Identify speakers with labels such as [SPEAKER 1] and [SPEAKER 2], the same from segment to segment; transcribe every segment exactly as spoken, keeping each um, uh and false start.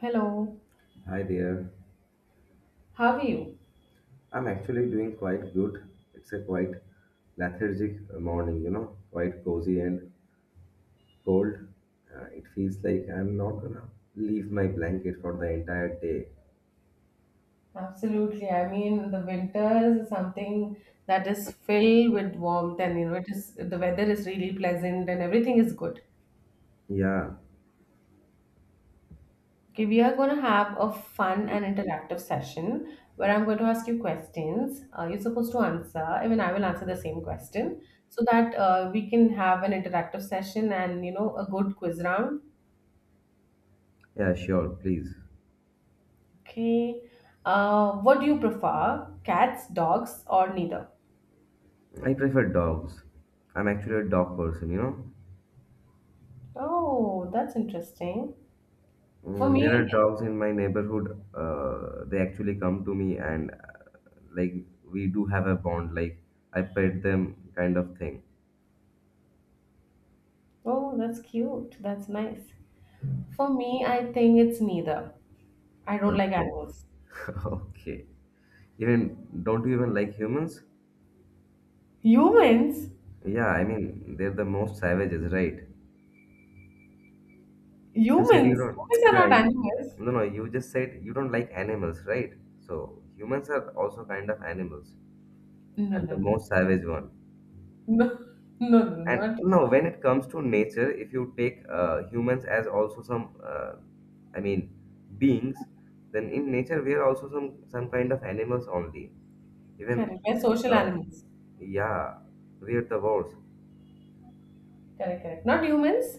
[SPEAKER 1] Hello,
[SPEAKER 2] Hi there.
[SPEAKER 1] how are you?
[SPEAKER 2] I'm actually doing quite good. It's a quite lethargic uh, morning, you know, quite cozy and cold. Uh, it feels like I'm not gonna leave my blanket for the entire day.
[SPEAKER 1] Absolutely. I mean, the winter is something that is filled with warmth, and you know, it is the weather is really pleasant and everything is good.
[SPEAKER 2] Yeah,
[SPEAKER 1] Okay, we are going to have a fun and interactive session where I'm going to ask you questions. Uh, you're supposed to answer, even I will answer the same question so that uh, we can have an interactive session and you know, a good quiz round.
[SPEAKER 2] yeah, sure, please.
[SPEAKER 1] Okay, uh, what do you prefer, cats, dogs, or neither?
[SPEAKER 2] I prefer dogs. I'm actually a dog person, you know.
[SPEAKER 1] Oh, that's interesting. For
[SPEAKER 2] Mm,
[SPEAKER 1] me,
[SPEAKER 2] there are dogs in my neighborhood. Uh, they actually come to me and uh, like we do have a bond, like I pet them kind of thing.
[SPEAKER 1] oh, that's cute. That's nice. For me, I think it's neither. I don't like
[SPEAKER 2] Okay.
[SPEAKER 1] animals.
[SPEAKER 2] Okay. Even don't you even like humans?
[SPEAKER 1] Humans?
[SPEAKER 2] Yeah, I mean they're the most savages, right? You said you
[SPEAKER 1] Humans?
[SPEAKER 2] don't.
[SPEAKER 1] Humans are
[SPEAKER 2] Yeah,
[SPEAKER 1] not
[SPEAKER 2] you,
[SPEAKER 1] animals.
[SPEAKER 2] no, no. You just said you don't like animals, right? So humans are also kind of animals,
[SPEAKER 1] No,
[SPEAKER 2] and
[SPEAKER 1] no,
[SPEAKER 2] the
[SPEAKER 1] no.
[SPEAKER 2] most savage one.
[SPEAKER 1] No, no, no,
[SPEAKER 2] And
[SPEAKER 1] not.
[SPEAKER 2] no, when it comes to nature, if you take uh, humans as also some, uh, I mean, beings, then in nature we are also some some kind of animals only. Even
[SPEAKER 1] Correct.
[SPEAKER 2] uh,
[SPEAKER 1] We're social
[SPEAKER 2] the
[SPEAKER 1] animals.
[SPEAKER 2] yeah, we are the worst.
[SPEAKER 1] Correct, correct. Not humans.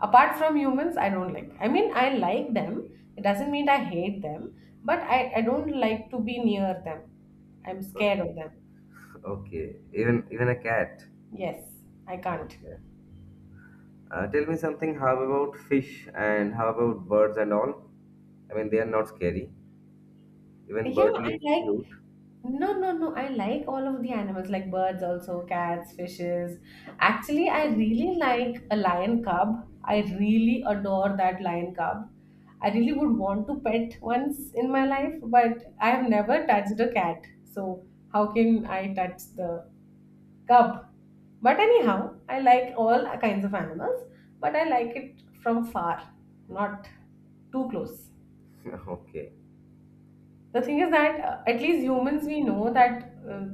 [SPEAKER 1] Apart from humans, I don't like. I mean, I like them. It doesn't mean I hate them, but I, I don't like to be near them. I'm scared
[SPEAKER 2] Okay.
[SPEAKER 1] of them.
[SPEAKER 2] Okay, even even a cat.
[SPEAKER 1] Yes, I can't.
[SPEAKER 2] Okay. Uh, tell me something. How about fish and how about birds and all? I mean, they are not scary. Even
[SPEAKER 1] Yeah,
[SPEAKER 2] bird
[SPEAKER 1] I
[SPEAKER 2] look
[SPEAKER 1] like
[SPEAKER 2] cute.
[SPEAKER 1] no, no, no. I like all of the animals, like birds, also cats, fishes. Actually, I really like a lion cub. I really adore that lion cub. I really would want to pet once in my life, but I have never touched a cat. So how can I touch the cub? But anyhow, I like all kinds of animals, but I like it from far, not too close.
[SPEAKER 2] okay.
[SPEAKER 1] The thing is that uh, at least humans we know that uh,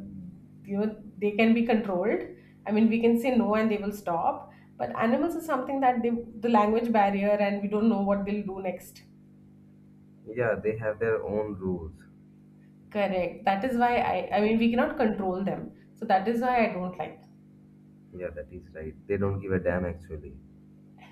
[SPEAKER 1] you know they can be controlled. I mean, we can say no and they will stop. But animals is something that they the language barrier and we don't know what they'll do next.
[SPEAKER 2] Yeah, they have their own rules.
[SPEAKER 1] Correct. That is why I I mean we cannot control them. So that is why I don't like.
[SPEAKER 2] Yeah, that is right. They don't give a damn actually.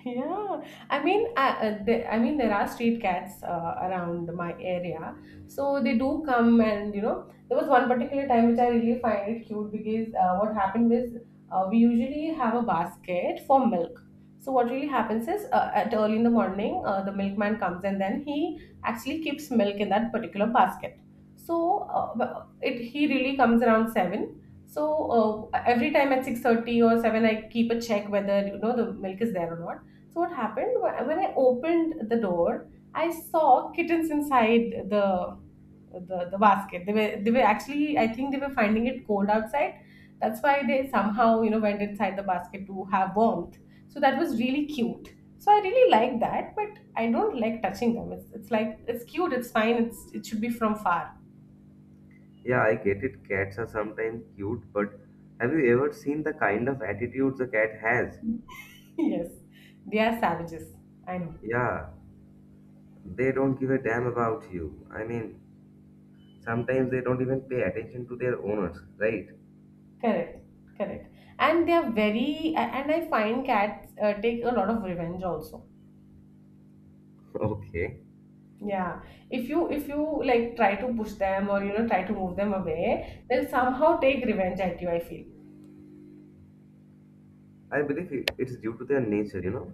[SPEAKER 1] Yeah, I mean, I, uh, the, I mean, there are street cats uh, around my area, so they do come and you know, there was one particular time which I really find it cute because uh, what happened was uh, we usually have a basket for milk. So what really happens is uh, at early in the morning, uh, the milkman comes and then he actually keeps milk in that particular basket. So uh, but it he really comes around seven. So uh, every time at six thirty or seven, I keep a check whether you know the milk is there or not. So what happened wa- when I opened the door, I saw kittens inside the the, the basket. They were they were actually I think they were finding it cold outside. That's why they somehow you know went inside the basket to have warmth. So that was really cute. So I really like that, but I don't like touching them. It's, it's like it's cute, it's fine, it's it should be from far.
[SPEAKER 2] Yeah, I get it. Cats are sometimes cute, but have you ever seen the kind of attitudes a cat has?
[SPEAKER 1] Yes, they are savages. I know.
[SPEAKER 2] Yeah, they don't give a damn about you. I mean, sometimes they don't even pay attention to their owners, right?
[SPEAKER 1] Correct. Correct. And they are very a- and I find cats uh, take a lot of revenge also.
[SPEAKER 2] Okay.
[SPEAKER 1] Yeah, if you if you like try to push them or you know try to move them away, they'll somehow take revenge at you, I feel.
[SPEAKER 2] I believe it- it's due to their nature, you know.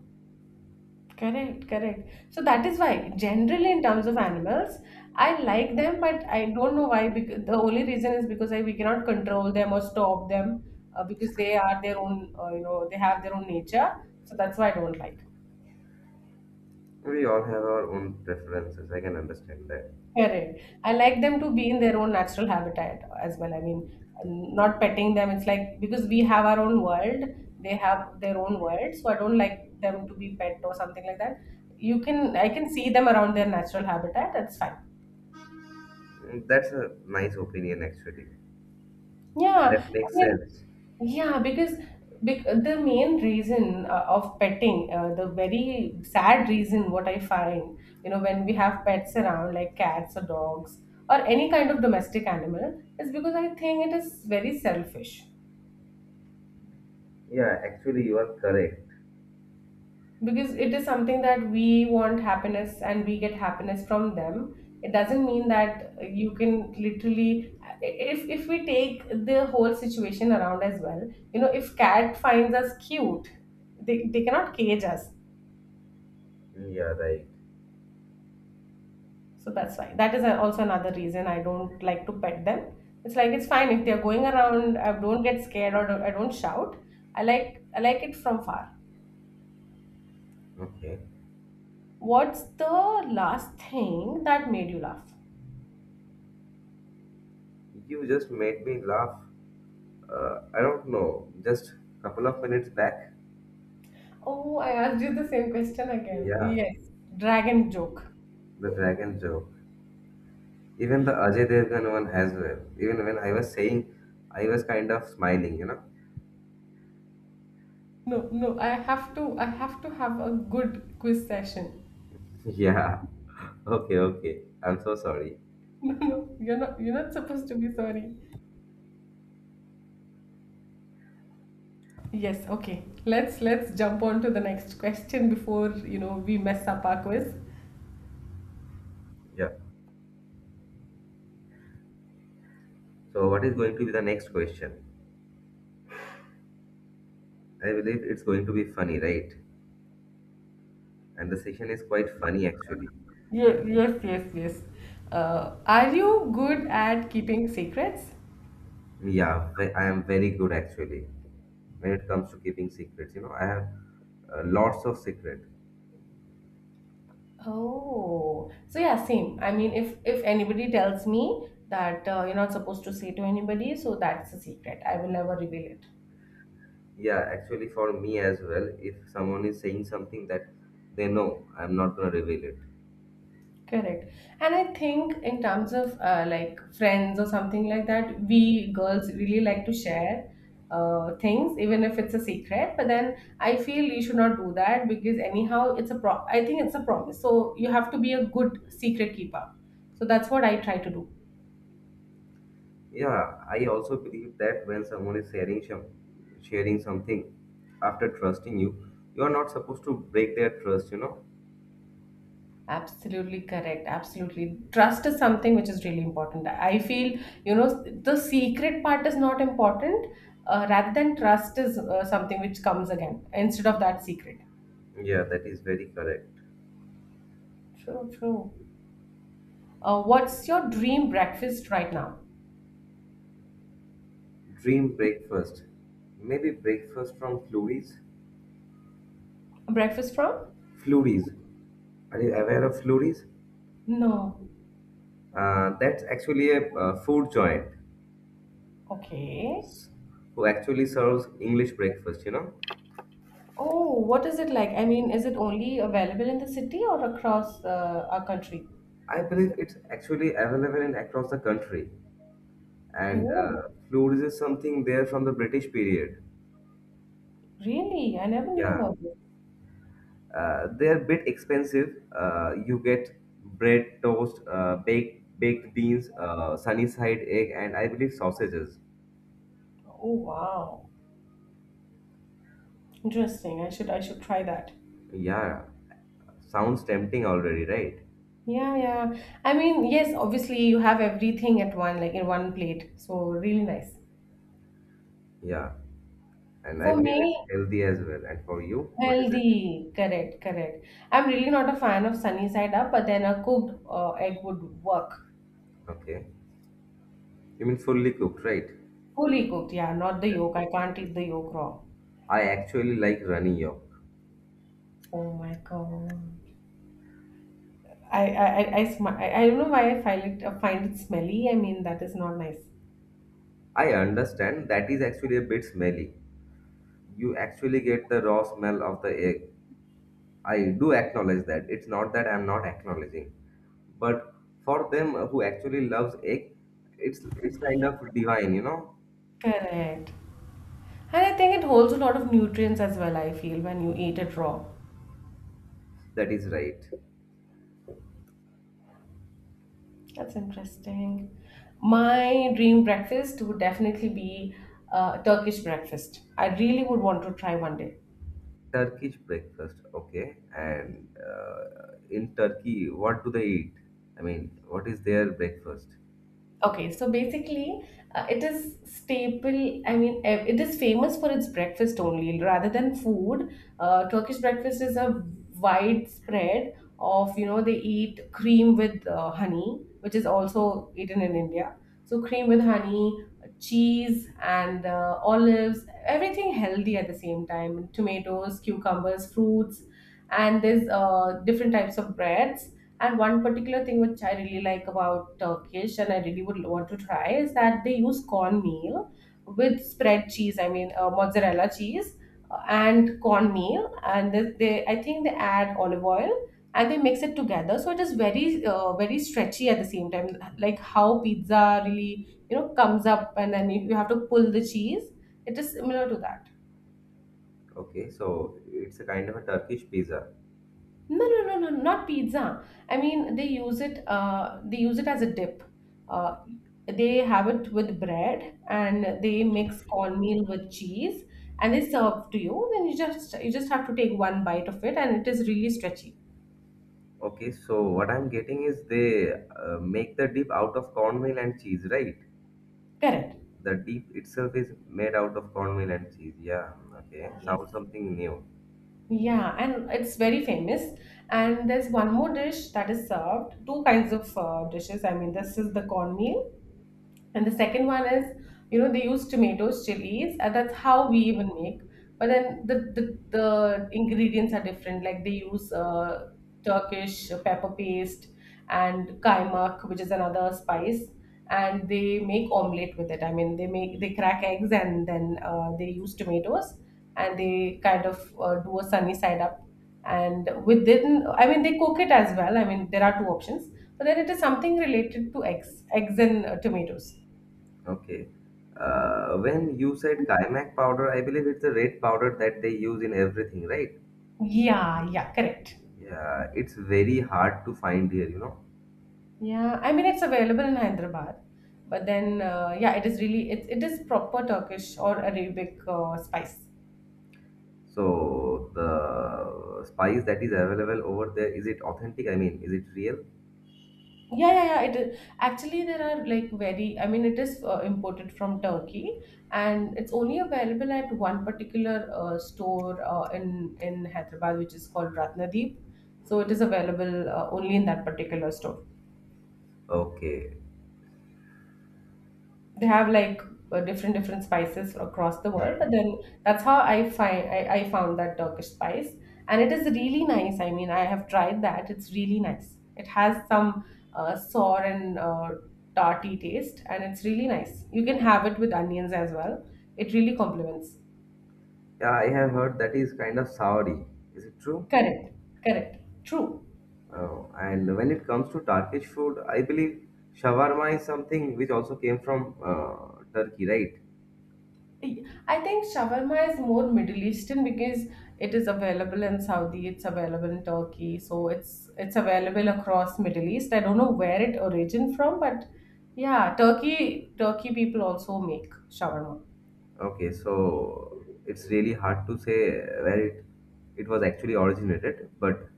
[SPEAKER 1] Correct, correct. So that is why, generally in terms of animals, I like them, but I don't know why. Because the only reason is because I, we cannot control them or stop them uh, because they are their own, uh, you know, they have their own nature. So that's why I don't like.
[SPEAKER 2] We all have our own preferences. I can understand that.
[SPEAKER 1] Correct. I like them to be in their own natural habitat as well. I mean, not petting them. It's like because we have our own world, they have their own world. So I don't like them to be pet or something like that. You can, I can see them around their natural habitat. That's fine.
[SPEAKER 2] Mm, that's a nice opinion, actually. That
[SPEAKER 1] Yeah. I
[SPEAKER 2] makes
[SPEAKER 1] mean,
[SPEAKER 2] sense.
[SPEAKER 1] yeah, because bec- the main reason uh, of petting, uh, the very sad reason what I find, you know, when we have pets around like cats or dogs or any kind of domestic animal, is because I think it is very selfish.
[SPEAKER 2] Yeah, actually, you are correct.
[SPEAKER 1] Because it is something that we want happiness and we get happiness from them. It doesn't mean that you can literally, if, if we take the whole situation around as well, you know, if cat finds us cute, they, they cannot cage us.
[SPEAKER 2] Mm, yeah, right.
[SPEAKER 1] So that's why. That is a- also another reason I don't like to pet them. It's like it's fine if they're going around. I don't get scared or I don't shout. I like I like it from far.
[SPEAKER 2] Okay.
[SPEAKER 1] What's the last thing that made you laugh?
[SPEAKER 2] You just made me laugh. Uh, I don't know, just couple of minutes back.
[SPEAKER 1] Oh, I asked you the same question again.
[SPEAKER 2] Yeah,
[SPEAKER 1] Yes, dragon joke.
[SPEAKER 2] the dragon joke. Even the Ajay Devgan one as well. Even when I was saying, I was kind of smiling, you know.
[SPEAKER 1] No, no, I have to I have to have a good quiz session.
[SPEAKER 2] Yeah. Okay, okay. I'm so sorry.
[SPEAKER 1] No, no, you're not you're not supposed to be sorry. Yes, okay. Let's let's jump on to the next question before, you know, we mess up our quiz.
[SPEAKER 2] Yeah. So, what is going to be the next question? I believe it's going to be funny, right? And the session is quite funny actually.
[SPEAKER 1] Ye- Yes, yes, yes. Uh, are you good at keeping secrets?
[SPEAKER 2] Yeah, ve- I am very good actually when it comes to keeping secrets. You know, I have uh, lots of secret.
[SPEAKER 1] Oh, so yeah, same. I mean, if if anybody tells me that uh, you're not supposed to say to anybody, so that's a secret. I will never reveal it.
[SPEAKER 2] Yeah, actually for me as well. If someone is saying something that they know, I'm not gonna reveal it.
[SPEAKER 1] Correct. And I think in terms of uh, like friends or something like that, we girls really like to share uh, things, even if it's a secret. But then I feel you should not do that because anyhow, it's a pro. I think it's a promise. So you have to be a good secret keeper. So that's what I try to do.
[SPEAKER 2] Yeah, I also believe that when someone is sharing some, sharing something after trusting you, you are not supposed to break their trust. You know.
[SPEAKER 1] Absolutely correct. Absolutely. Trust is something which is really important. I feel, you know, the secret part is not important. Uh, rather than trust is uh, something which comes again instead of that secret.
[SPEAKER 2] Yeah, that is very correct.
[SPEAKER 1] True, true. Uh, what's your dream breakfast right now?
[SPEAKER 2] Dream breakfast. Maybe breakfast from Flurries?
[SPEAKER 1] Breakfast from?
[SPEAKER 2] Flurries. Are you aware of Flurries?
[SPEAKER 1] No.
[SPEAKER 2] Uh, that's actually a uh, food joint
[SPEAKER 1] Okay.
[SPEAKER 2] who actually serves English breakfast, you know?
[SPEAKER 1] Oh, what is it like? I mean, is it only available in the city or across uh, our country?
[SPEAKER 2] I believe it's actually available in across the country. And
[SPEAKER 1] Oh,
[SPEAKER 2] uh, Flurries is something there from the British period.
[SPEAKER 1] really? I never knew
[SPEAKER 2] Yeah.
[SPEAKER 1] about this.
[SPEAKER 2] Uh, they're a bit expensive. Uh, you get bread, toast, uh, baked, baked beans, uh, sunny side egg, and I believe sausages.
[SPEAKER 1] Oh, wow. Interesting. I should I should try that.
[SPEAKER 2] Yeah, sounds tempting already, right?
[SPEAKER 1] Yeah, yeah. I mean, yes, obviously you have everything at one like in one plate. So really nice.
[SPEAKER 2] Yeah, and I
[SPEAKER 1] For
[SPEAKER 2] believe
[SPEAKER 1] me,
[SPEAKER 2] it's healthy as well. And for you, what is it?
[SPEAKER 1] healthy, correct, correct. I'm really not a fan of sunny side up, but then a cooked uh, egg would work.
[SPEAKER 2] Okay, you mean fully cooked, right?
[SPEAKER 1] Fully cooked, yeah, not the
[SPEAKER 2] Yeah,
[SPEAKER 1] yolk. I can't eat the yolk raw.
[SPEAKER 2] I actually like runny yolk.
[SPEAKER 1] Oh my God. I I I, I, sm- I, I don't know why I find it uh, find it smelly. I mean, that is not nice.
[SPEAKER 2] I understand that is actually a bit smelly. You actually get the raw smell of the egg. I do acknowledge that. It's not that I'm not acknowledging, but for them who actually loves egg, it's it's kind of divine, you know.
[SPEAKER 1] Correct. And I think it holds a lot of nutrients as well, I feel, when you eat it raw.
[SPEAKER 2] That is right.
[SPEAKER 1] That's interesting. My dream breakfast would definitely be uh, Turkish breakfast. I really would want to try one day.
[SPEAKER 2] Turkish breakfast, okay. And uh, in Turkey, what do they eat? I mean, what is their breakfast?
[SPEAKER 1] Okay, so basically, uh, it is staple. I mean, ev- it is famous for its breakfast only, rather than food. Uh, Turkish breakfast is a widespread of you know they eat cream with uh, honey, which is also eaten in India. So cream with honey, cheese, and uh, olives, everything healthy at the same time. Tomatoes, cucumbers, fruits, and there's uh, different types of breads, and one particular thing which I really like about Turkish and I really would want to try is that they use cornmeal with spread cheese, I mean, uh, mozzarella cheese uh, and cornmeal. And they, they, I think they add olive oil and they mix it together. So it is very, uh, very stretchy at the same time, like how pizza really, you know, comes up and then you you have to pull the cheese. It is similar to that.
[SPEAKER 2] Okay, so it's a kind of a Turkish pizza.
[SPEAKER 1] No, no, no, no, not pizza. I mean, they use it. Uh, they use it as a dip. Uh, they have it with bread, and they mix cornmeal with cheese, and they serve to you. Then you just you just have to take one bite of it, and it is really stretchy.
[SPEAKER 2] Okay, so what I'm getting is they uh, make the dip out of cornmeal and cheese, right?
[SPEAKER 1] Correct.
[SPEAKER 2] The dip itself is made out of cornmeal and cheese. Yeah, okay.
[SPEAKER 1] Yes.
[SPEAKER 2] Sounds something new.
[SPEAKER 1] Yeah, and it's very famous. And there's one more dish that is served. Two kinds of uh, dishes. I mean, this is the cornmeal, and the second one is, you know, they use tomatoes, chilies. And that's how we even make. But then the the, the ingredients are different. Like they use uh, Turkish pepper paste and kaymak, which is another spice. And they make omelette with it. I mean, they make they crack eggs and then uh, they use tomatoes and they kind of uh, do a sunny side up. And within, I mean, they cook it as well. I mean, there are two options, but then it is something related to eggs, eggs and uh, tomatoes.
[SPEAKER 2] Okay. Uh, when you said kaimak powder, I believe it's a red powder that they use in everything, right?
[SPEAKER 1] Yeah, yeah, correct.
[SPEAKER 2] Yeah, it's very hard to find here, you know.
[SPEAKER 1] Yeah, I mean it's available in Hyderabad, but then uh, yeah, it is really it, it is proper Turkish or Arabic uh, spice.
[SPEAKER 2] So the spice that is available over there, is it authentic? I mean, is it real?
[SPEAKER 1] Yeah, yeah, yeah. It is actually there are like very. I mean, it is uh, imported from Turkey, and it's only available at one particular uh, store uh, in in Hyderabad, which is called Ratnadeep. So it is available uh, only in that particular store.
[SPEAKER 2] Okay.
[SPEAKER 1] They have like uh, different different spices across the world, but then that's how i find I, I found that Turkish spice. And it is really nice. I mean, I have tried that. It's really nice. It has some uh, sour and uh, tarty taste, and it's really nice. You can have it with onions as well. It really complements.
[SPEAKER 2] Yeah, I have heard that is kind of soury. Is it true?
[SPEAKER 1] Correct, correct. True.
[SPEAKER 2] Oh, and when it comes to Turkish food, I believe shawarma is something which also came from uh, Turkey, right?
[SPEAKER 1] I think shawarma is more Middle Eastern because it is available in Saudi, it's available in Turkey, so it's it's available across Middle East. I don't know where it origin from, but yeah, Turkey Turkey people also make shawarma.
[SPEAKER 2] Okay, so it's really hard to say where it it was actually originated, but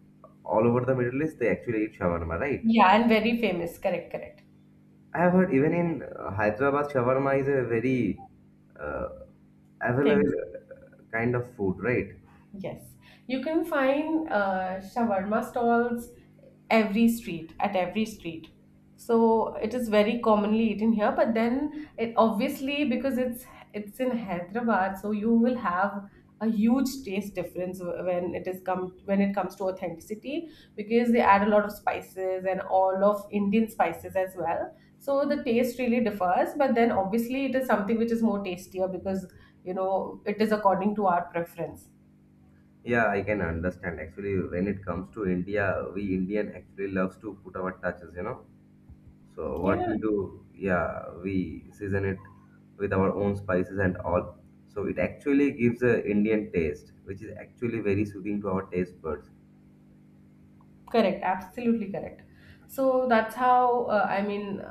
[SPEAKER 2] all over the Middle East they actually eat shawarma, right?
[SPEAKER 1] Yeah, and very famous. Correct, correct.
[SPEAKER 2] I've heard even in uh, Hyderabad, shawarma is a very uh, available
[SPEAKER 1] Famous.
[SPEAKER 2] uh, kind of food, right?
[SPEAKER 1] Yes, you can find uh, shawarma stalls every street at every street. So it is very commonly eaten here, but then it obviously because it's it's in Hyderabad, so you will have a huge taste difference wh- when it is come when it comes to authenticity because they add a lot of spices and all of Indian spices as well. So the taste really differs, but then obviously it is something which is more tastier because you know it is according to our preference.
[SPEAKER 2] Yeah, I can understand. Actually, when it comes to India, we Indian actually loves to put our touches, you know. So what
[SPEAKER 1] Yeah,
[SPEAKER 2] we do, yeah, we season it with our own spices and all. So it actually gives a Indian taste, which is actually very soothing to our taste buds.
[SPEAKER 1] correct. Absolutely correct. So that's how uh, I mean,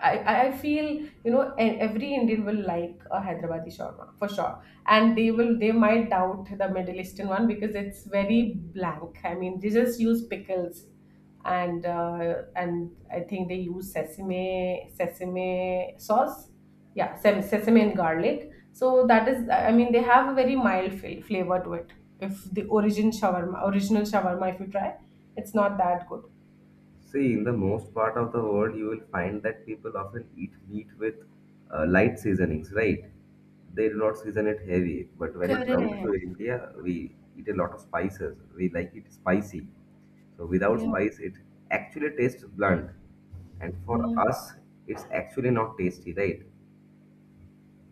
[SPEAKER 1] I I I feel, you know, e- every Indian will like a Hyderabadi shawarma for sure, and they will they might doubt the Middle Eastern one because it's very blank. I mean, they just use pickles, and uh, and I think they use sesame sesame sauce. Yeah, sem- sesame and garlic. So that is, I mean, they have a very mild fl- flavor to it. If the origin shawarma, original shawarma, if you try, it's not that good.
[SPEAKER 2] See, in the most part of the world, you will find that people often eat meat with uh, light seasonings, right? They do not season it heavy. But when it
[SPEAKER 1] Correct.
[SPEAKER 2] comes to India, we eat a lot of spices. We like it spicy. So without
[SPEAKER 1] Yeah,
[SPEAKER 2] spice, it actually tastes blunt. And for
[SPEAKER 1] yeah.
[SPEAKER 2] us, it's actually not tasty, right?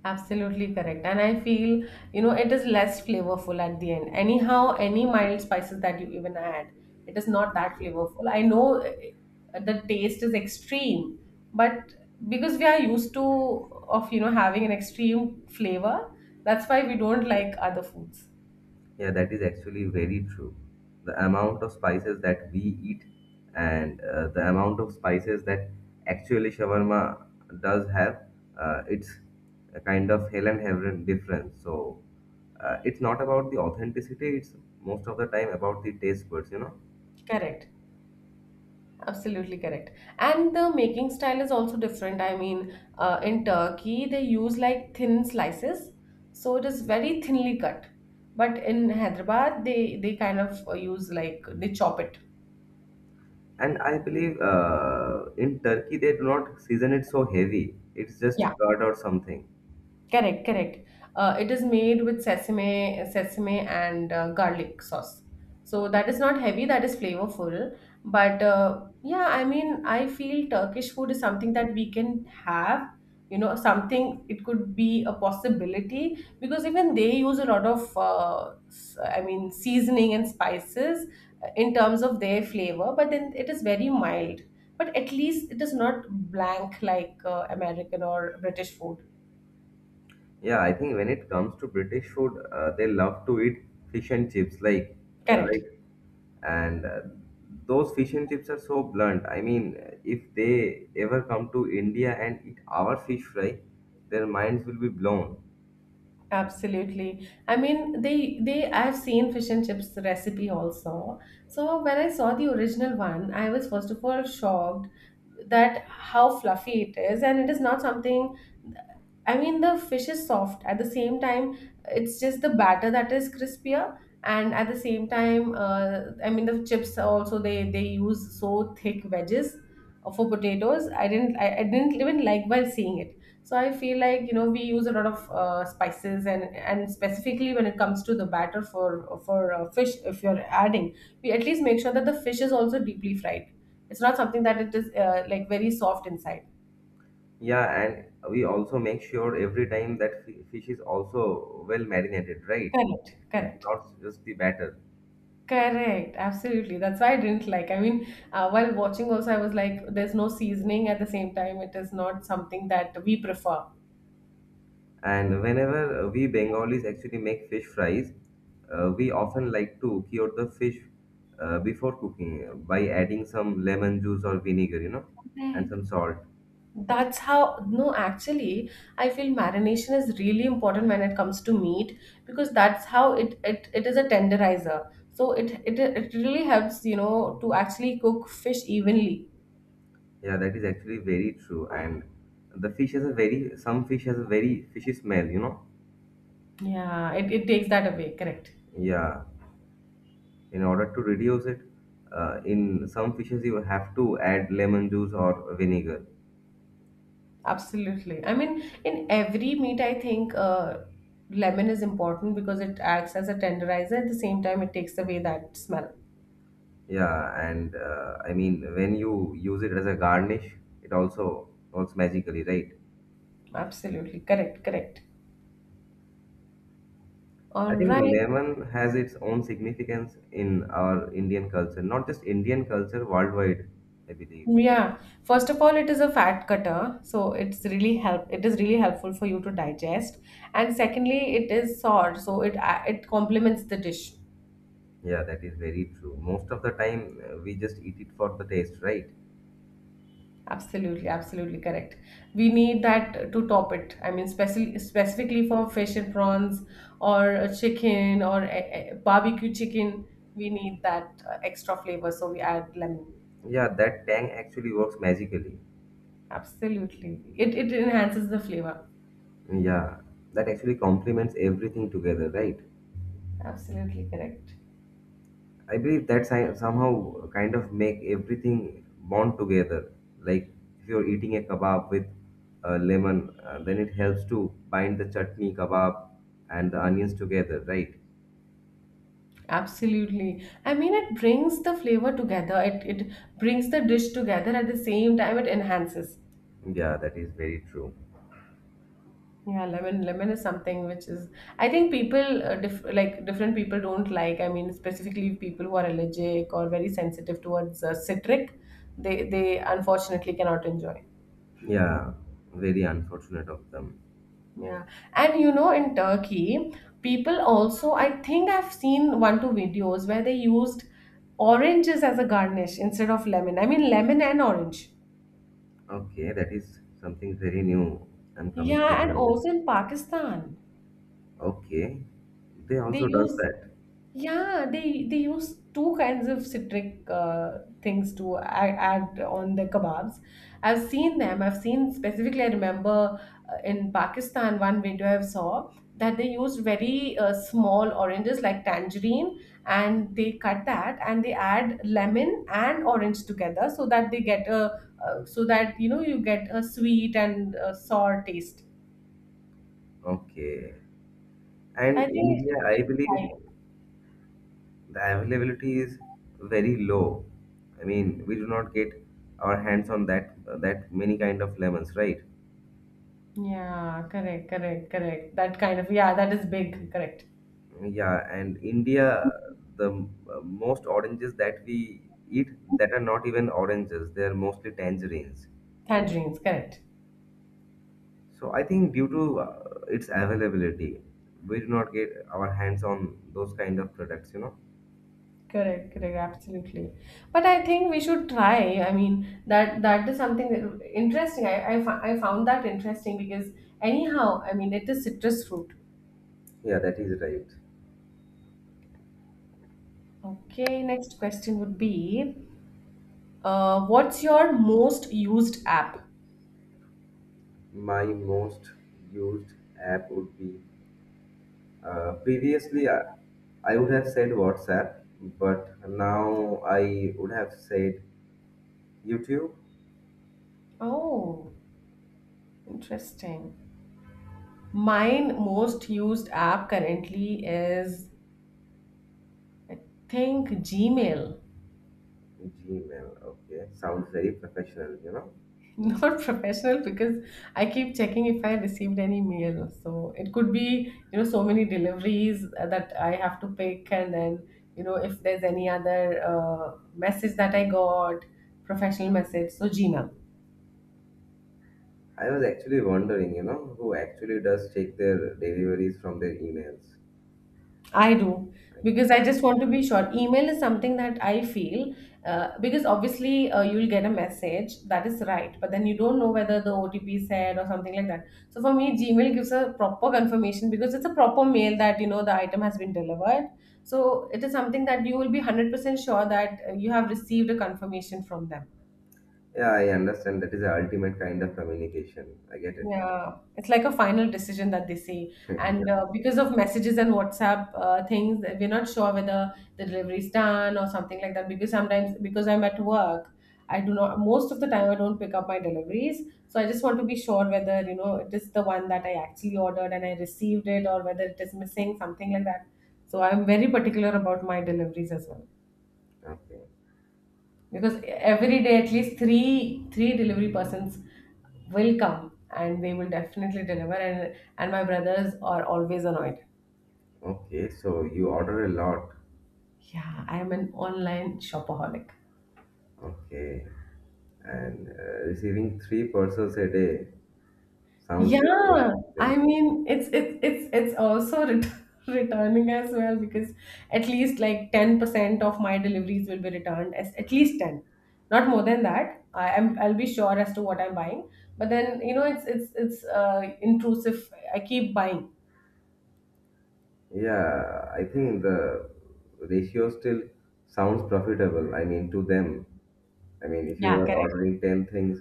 [SPEAKER 1] Absolutely correct. And I feel, you know, it is less flavorful at the end. Anyhow, any mild spices that you even add, it is not that flavorful. I know uh, the taste is extreme, but because we are used to of, you know, having an extreme flavor, that's why we don't like other foods.
[SPEAKER 2] Yeah, that is actually very true. The amount of spices that we eat and uh, the amount of spices that actually shawarma does have, uh, it's a kind of hell and heaven difference. So uh, it's not about the authenticity, it's most of the time about the taste buds, you know.
[SPEAKER 1] Correct. Absolutely correct. And the making style is also different. I mean, uh, in Turkey, they use like thin slices, so it is very thinly cut. But in Hyderabad, they they kind of uh, use like they chop it.
[SPEAKER 2] And I believe uh, in Turkey they do not season it so heavy. It's just
[SPEAKER 1] Yeah.
[SPEAKER 2] curd or something.
[SPEAKER 1] Correct, correct. Uh, it is made with sesame, sesame and uh, garlic sauce. So that is not heavy, that is flavorful. But uh, yeah, I mean, I feel Turkish food is something that we can have. You know, something it could be a possibility because even they use a lot of, uh, s- I mean, seasoning and spices uh, in terms of their flavor. But then it is very mild. But at least it is not blank like uh, American or British food.
[SPEAKER 2] Yeah, I think when it comes to British food, uh, they love to eat fish and chips, like, uh,
[SPEAKER 1] Correct.
[SPEAKER 2] right? And uh, those fish and chips are so blunt. I mean, uh, if they ever come to India and eat our fish fry, their minds will be blown.
[SPEAKER 1] Absolutely. I mean, they they I've seen fish and chips recipe also. So when I saw the original one, I was first of all shocked that how fluffy it is, and it is not something I mean, the fish is soft. At the same time, it's just the batter that is crispier, and at the same time, uh, I mean, the chips are also they they use so thick wedges uh, for potatoes. I didn't I, I didn't even like while seeing it. So I feel like you know we use a lot of uh, spices and and specifically when it comes to the batter for for uh, fish, if you're adding, we at least make sure that the fish is also deeply fried. It's not something that it is uh, like very soft inside.
[SPEAKER 2] Yeah, and we also make sure every time that fi- fish is also well marinated, right?
[SPEAKER 1] Correct.
[SPEAKER 2] It's
[SPEAKER 1] Correct.
[SPEAKER 2] not just the batter.
[SPEAKER 1] Correct, absolutely. That's why I didn't like. I mean, uh, while watching also, I was like, there's no seasoning at the same time. It is not something that we prefer.
[SPEAKER 2] And whenever uh, we Bengalis actually make fish fries, uh, we often like to cure the fish uh, before cooking uh, by adding some lemon juice or vinegar, you know, and some salt.
[SPEAKER 1] That's how, no, actually, I feel marination is really important when it comes to meat because that's how it it, it is a tenderizer. So it, it it really helps, you know, to actually cook fish evenly.
[SPEAKER 2] Yeah, that is actually very true. And the fish has a very, some fish has a very fishy smell, you know.
[SPEAKER 1] Yeah, it, it takes that away. Correct.
[SPEAKER 2] Yeah, in order to reduce it, uh, in some fishes you have to add lemon juice or vinegar.
[SPEAKER 1] Absolutely. I mean, in every meat, I think uh, lemon is important because it acts as a tenderizer. At the same time, it takes away that smell.
[SPEAKER 2] Yeah, and uh, I mean when you use it as a garnish, it also works magically, right?
[SPEAKER 1] Absolutely. Correct. Correct. All
[SPEAKER 2] I think
[SPEAKER 1] right.
[SPEAKER 2] lemon has its own significance in our Indian culture, not just Indian culture, worldwide, I believe.
[SPEAKER 1] Yeah. First of all, it is a fat cutter, so it's really help. It is really helpful for you to digest. And secondly, it is sour, so it a- it complements the dish.
[SPEAKER 2] Yeah, that is very true. Most of the time, uh, we just eat it for the taste, right?
[SPEAKER 1] Absolutely, absolutely correct. We need that to top it. I mean, specially specifically for fish and prawns or a chicken or a, a barbecue chicken, we need that uh, extra flavor. So we add lemon.
[SPEAKER 2] Yeah, that tang actually works magically.
[SPEAKER 1] Absolutely, it it enhances the flavor.
[SPEAKER 2] Yeah, that actually complements everything together, right?
[SPEAKER 1] Absolutely correct.
[SPEAKER 2] I believe that si- somehow kind of make everything bond together. Like if you're eating a kebab with uh, lemon, uh, then it helps to bind the chutney, kebab, and the onions together, right?
[SPEAKER 1] Absolutely. I mean, it brings the flavor together. It it brings the dish together at the same time. It enhances.
[SPEAKER 2] Yeah, that is very true.
[SPEAKER 1] Yeah, lemon lemon is something which is I think people uh, diff, like different people don't like. I mean, specifically people who are allergic or very sensitive towards uh, citric, they they unfortunately cannot enjoy.
[SPEAKER 2] Yeah, very unfortunate of them.
[SPEAKER 1] Yeah, and you know, in Turkey, people also I think I've seen one two videos where they used oranges as a garnish instead of lemon. I mean, lemon and orange.
[SPEAKER 2] Okay, that is something very new. I'm coming to
[SPEAKER 1] Yeah, and
[SPEAKER 2] know.
[SPEAKER 1] also in Pakistan,
[SPEAKER 2] Okay, they
[SPEAKER 1] they
[SPEAKER 2] also does
[SPEAKER 1] use
[SPEAKER 2] that.
[SPEAKER 1] Yeah, they they use two kinds of citric uh, things to add, add on the kebabs. I've seen them. I've seen specifically. I remember uh, in Pakistan one video I saw that they used very uh, small oranges like tangerine, and they cut that and they add lemon and orange together so that they get a uh, so that you know you get a sweet and uh, sour taste.
[SPEAKER 2] Okay,
[SPEAKER 1] I
[SPEAKER 2] and
[SPEAKER 1] think it's
[SPEAKER 2] India, I
[SPEAKER 1] really high.
[SPEAKER 2] believe the availability is very low. I mean, we do not get our hands on that that many kind of lemons, right?
[SPEAKER 1] Yeah, correct, correct, correct. That kind of, yeah, that is big, correct.
[SPEAKER 2] Yeah, and India, the uh, most oranges that we eat that are not even oranges; they are mostly tangerines.
[SPEAKER 1] Tangerines, correct.
[SPEAKER 2] So I think due to uh, its availability, we do not get our hands on those kind of products, you know.
[SPEAKER 1] Correct, correct, absolutely. But I think we should try. I mean, that that is something that, interesting. I, I, fo- I found that interesting because anyhow, I mean, it is citrus fruit.
[SPEAKER 2] Yeah, that is right.
[SPEAKER 1] Okay, next question would be, uh, what's your most used app?
[SPEAKER 2] My most used app would be uh, previously I, I would have said WhatsApp, but now I would have said YouTube,
[SPEAKER 1] Oh, interesting. Mine most used app currently is, I think, Gmail.
[SPEAKER 2] Gmail. Okay, sounds very professional, you know.
[SPEAKER 1] Not professional because I keep checking if I received any mail. So it could be, you know, so many deliveries uh, that I have to pick, and then, you know, if there's any other uh, message that I got, professional message. So Gmail.
[SPEAKER 2] I was actually wondering, you know, who actually does check their deliveries from their emails.
[SPEAKER 1] I do because
[SPEAKER 2] Right?
[SPEAKER 1] I just want to be sure. Email is something that I feel uh, because obviously uh, you'll get a message that is right, but then you don't know whether the O T P is said or something like that. So for me, Gmail gives a proper confirmation because it's a proper mail that you know the item has been delivered. So it is something that you will be one hundred percent sure that uh, you have received a confirmation from them.
[SPEAKER 2] Yeah, I understand. That is the ultimate kind of communication. I get it.
[SPEAKER 1] Yeah, it's like a final decision that they say.
[SPEAKER 2] Yeah.
[SPEAKER 1] And uh, because of messages and WhatsApp uh, things, we're not sure whether the delivery is done or something like that. Because sometimes, because I'm at work, I do not, most of the time, I don't pick up my deliveries. So I just want to be sure whether, you know, it is the one that I actually ordered and I received it or whether it is missing, something like that. So I'm very particular about my deliveries as well.
[SPEAKER 2] Okay.
[SPEAKER 1] Because every day at least three three delivery persons will come and they will definitely deliver and and my brothers are always annoyed.
[SPEAKER 2] Okay. So you order a lot.
[SPEAKER 1] Yeah, I am an online shopaholic.
[SPEAKER 2] Okay. And uh, receiving three parcels a day sounds really
[SPEAKER 1] Yeah, I
[SPEAKER 2] interesting.
[SPEAKER 1] mean it's it's it's it's also ret returning as well because at least like ten percent of my deliveries will be returned as at least ten. Not more than that. I am I'll be sure as to what I'm buying. But then, you know, it's it's it's uh intrusive. I keep buying.
[SPEAKER 2] Yeah, I think the ratio still sounds profitable. I mean, to them. I mean, if you
[SPEAKER 1] Yeah,
[SPEAKER 2] are
[SPEAKER 1] correct.
[SPEAKER 2] ordering ten things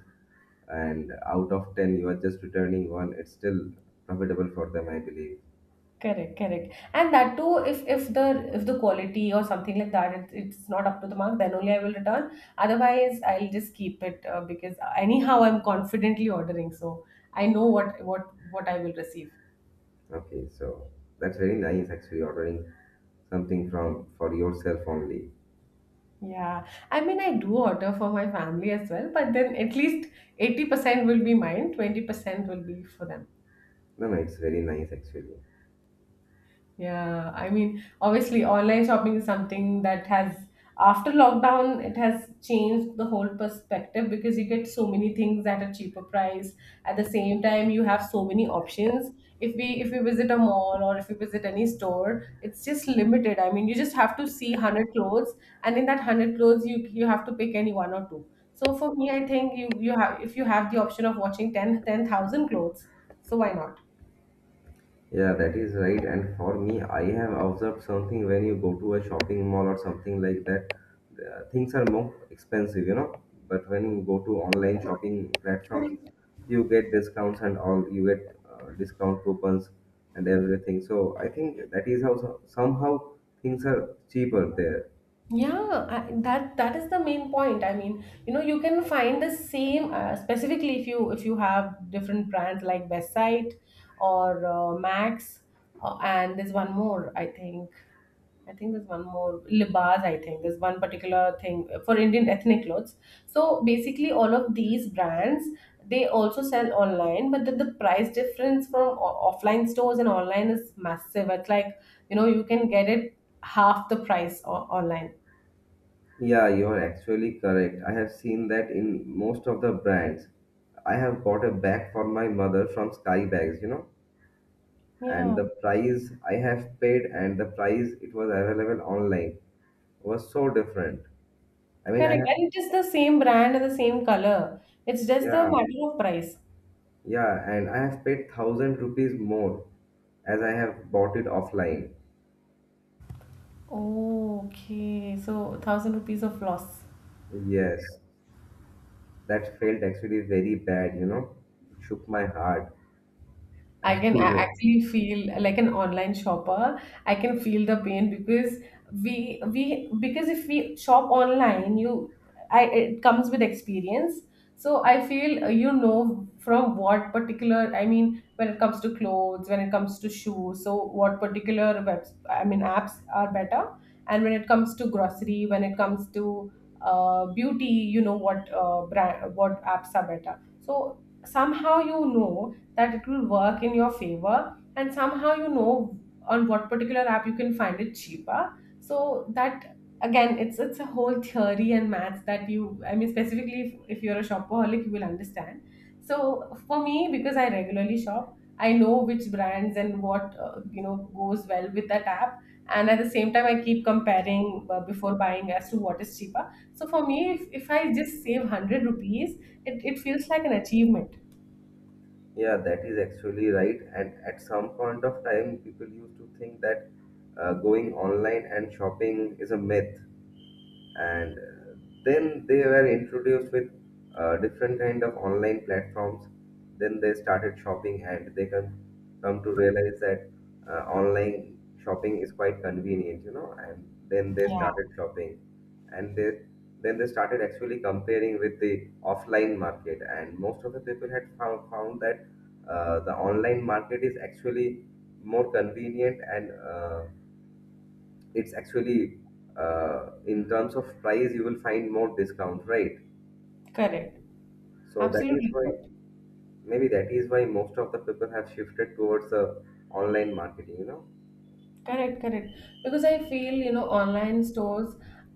[SPEAKER 2] and out of ten you are just returning one, it's still profitable for them, I believe.
[SPEAKER 1] Correct, correct. And that too, if if the if the quality or something like that, it, it's not up to the mark, then only I will return. Otherwise, I'll just keep it uh, because anyhow, I'm confidently ordering, so I know what what what I will receive.
[SPEAKER 2] Okay, so that's very nice actually ordering something from for yourself only.
[SPEAKER 1] Yeah, I mean, I do order for my family as well, but then at least eighty percent will be mine, twenty percent will be for them.
[SPEAKER 2] No, no, it's very nice actually.
[SPEAKER 1] Yeah, I mean, obviously, online shopping is something that has, after lockdown, it has changed the whole perspective because you get so many things at a cheaper price. At the same time, you have so many options. If we if we visit a mall or if we visit any store, it's just limited. I mean, you just have to see one hundred clothes, and in that one hundred clothes, you you have to pick any one or two. So for me, I think you you have if you have the option of watching ten ten thousand clothes, so why not?
[SPEAKER 2] Yeah, that is right. And for me, I have observed something when you go to a shopping mall or something like that, uh, things are more expensive, you know. But when you go to online shopping platforms, you get discounts and all, you get uh, discount coupons and everything. So I think that is how so- somehow things are cheaper there.
[SPEAKER 1] Yeah, I, that that is the main point. I mean, you know, you can find the same uh, specifically if you if you have different brands like Best Site or uh, Max, uh, and there's one more. I think I think there's one more libas. I think there's one particular thing for Indian ethnic clothes. So basically, all of these brands they also sell online, but the, the price difference from o- offline stores and online is massive. It's like you know you can get it half the price o- online.
[SPEAKER 2] Yeah, you are actually correct. I have seen that in most of the brands. I have bought a bag for my mother from Sky Bags, you know,
[SPEAKER 1] Yeah,
[SPEAKER 2] and the price I have paid and the price it was available online was so different. I mean,
[SPEAKER 1] correct.
[SPEAKER 2] I have,
[SPEAKER 1] And it is the same brand and the same color. It's just the
[SPEAKER 2] yeah,
[SPEAKER 1] matter of price.
[SPEAKER 2] yeah, and I have paid thousand rupees more as I have bought it offline.
[SPEAKER 1] Oh, okay. So, thousand rupees of loss.
[SPEAKER 2] Yes, that felt actually very bad, you know. It shook my heart.
[SPEAKER 1] I
[SPEAKER 2] And
[SPEAKER 1] can a- actually feel like an online shopper. I can feel the pain because we we because if we shop online, you I it comes with experience. So I feel uh, you know from what particular I mean when it comes to clothes, when it comes to shoes. So what particular webs I mean apps are better, and when it comes to grocery, when it comes to uh, beauty, you know what uh, brand what apps are better. So somehow you know that it will work in your favor, and somehow you know on what particular app you can find it cheaper, so that again it's it's a whole theory and maths that you I mean specifically if, if you're a shopaholic you will understand. So for me because I regularly shop, I know which brands and what uh, you know goes well with that app, and at the same time I keep comparing uh, before buying as to what is cheaper. So for me, if, if I just save one hundred rupees, it, it feels like an achievement.
[SPEAKER 2] yeah, that is actually right. And at some point of time, people used to think that uh, going online and shopping is a myth and uh, then they were introduced with uh, different kind of online platforms, then they started shopping and they come come to realize that uh, online shopping is quite convenient, you know, and then they
[SPEAKER 1] Yeah,
[SPEAKER 2] started shopping and they then they started actually comparing with the offline market, and most of the people had found, found that uh, the online market is actually more convenient and uh, it's actually uh, in terms of price you will find more discount, right?
[SPEAKER 1] correct.
[SPEAKER 2] So that is
[SPEAKER 1] Absolutely
[SPEAKER 2] why
[SPEAKER 1] correct.
[SPEAKER 2] maybe that is why most of the people have shifted towards the online marketing, you know.
[SPEAKER 1] Correct, correct. Because I feel, you know, online stores,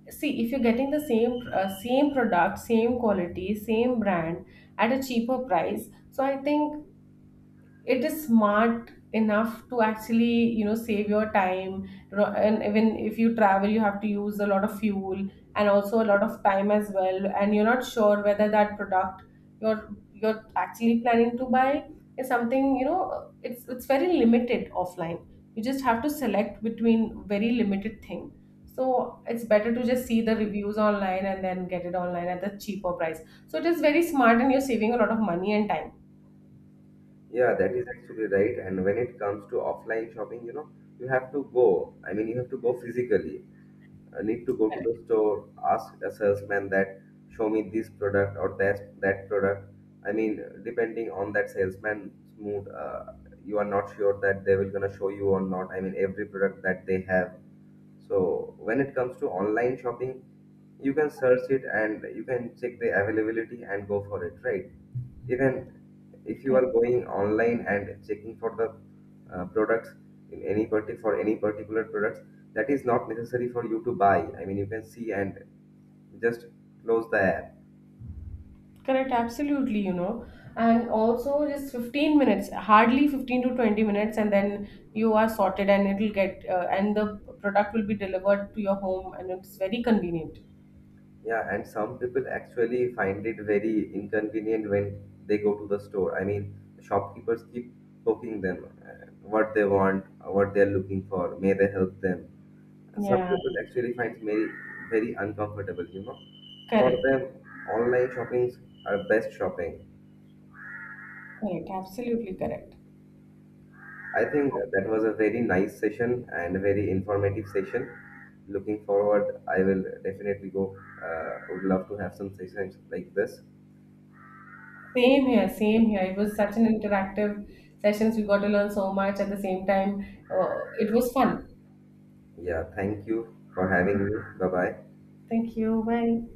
[SPEAKER 1] see, if you're getting the same uh, same product, same quality, same brand at a cheaper price, so I think it is smart enough to actually you know save your time, you know, and even if you travel you have to use a lot of fuel and also a lot of time as well, and you're not sure whether that product you're you're actually planning to buy is something you know it's it's very limited offline. You just have to select between very limited thing. So it's better to just see the reviews online and then get it online at the cheaper price. So it is very smart and you're saving a lot of money and time.
[SPEAKER 2] Yeah, that is actually right. And when it comes to offline shopping, you know, you have to go, I mean you have to go physically. I need to go to the store, ask a salesman that show me this product or that that product. I mean, depending on that salesman's mood, uh, you are not sure that they will gonna show you or not. I mean, every product that they have. So when it comes to online shopping, you can search it and you can check the availability and go for it, right? Even if you are going online and checking for the uh, products in any parti for any particular products, that is not necessary for you to buy. I mean, you can see and just close the app.
[SPEAKER 1] Correct, absolutely, you know. And also just fifteen minutes, hardly fifteen to twenty minutes, and then you are sorted and it'll get, uh, and the product will be delivered to your home and it's very convenient.
[SPEAKER 2] Yeah, and some people actually find it very inconvenient when they go to the store. I mean, shopkeepers keep poking them, uh, what they want, uh, what they are looking for. May they help them? Some
[SPEAKER 1] Yeah,
[SPEAKER 2] people actually find very, very uncomfortable, you know. For
[SPEAKER 1] correct,
[SPEAKER 2] them, online shoppings are best shopping.
[SPEAKER 1] correct, absolutely correct.
[SPEAKER 2] I think that was a very nice session and a very informative session. Looking forward, I will definitely go. Uh, would love to have some sessions like this.
[SPEAKER 1] Same here, same here. It was such an interactive sessions. We got to learn so much at the same time. Uh, it was fun.
[SPEAKER 2] Yeah, thank you for having me. Bye bye.
[SPEAKER 1] Thank you. Bye.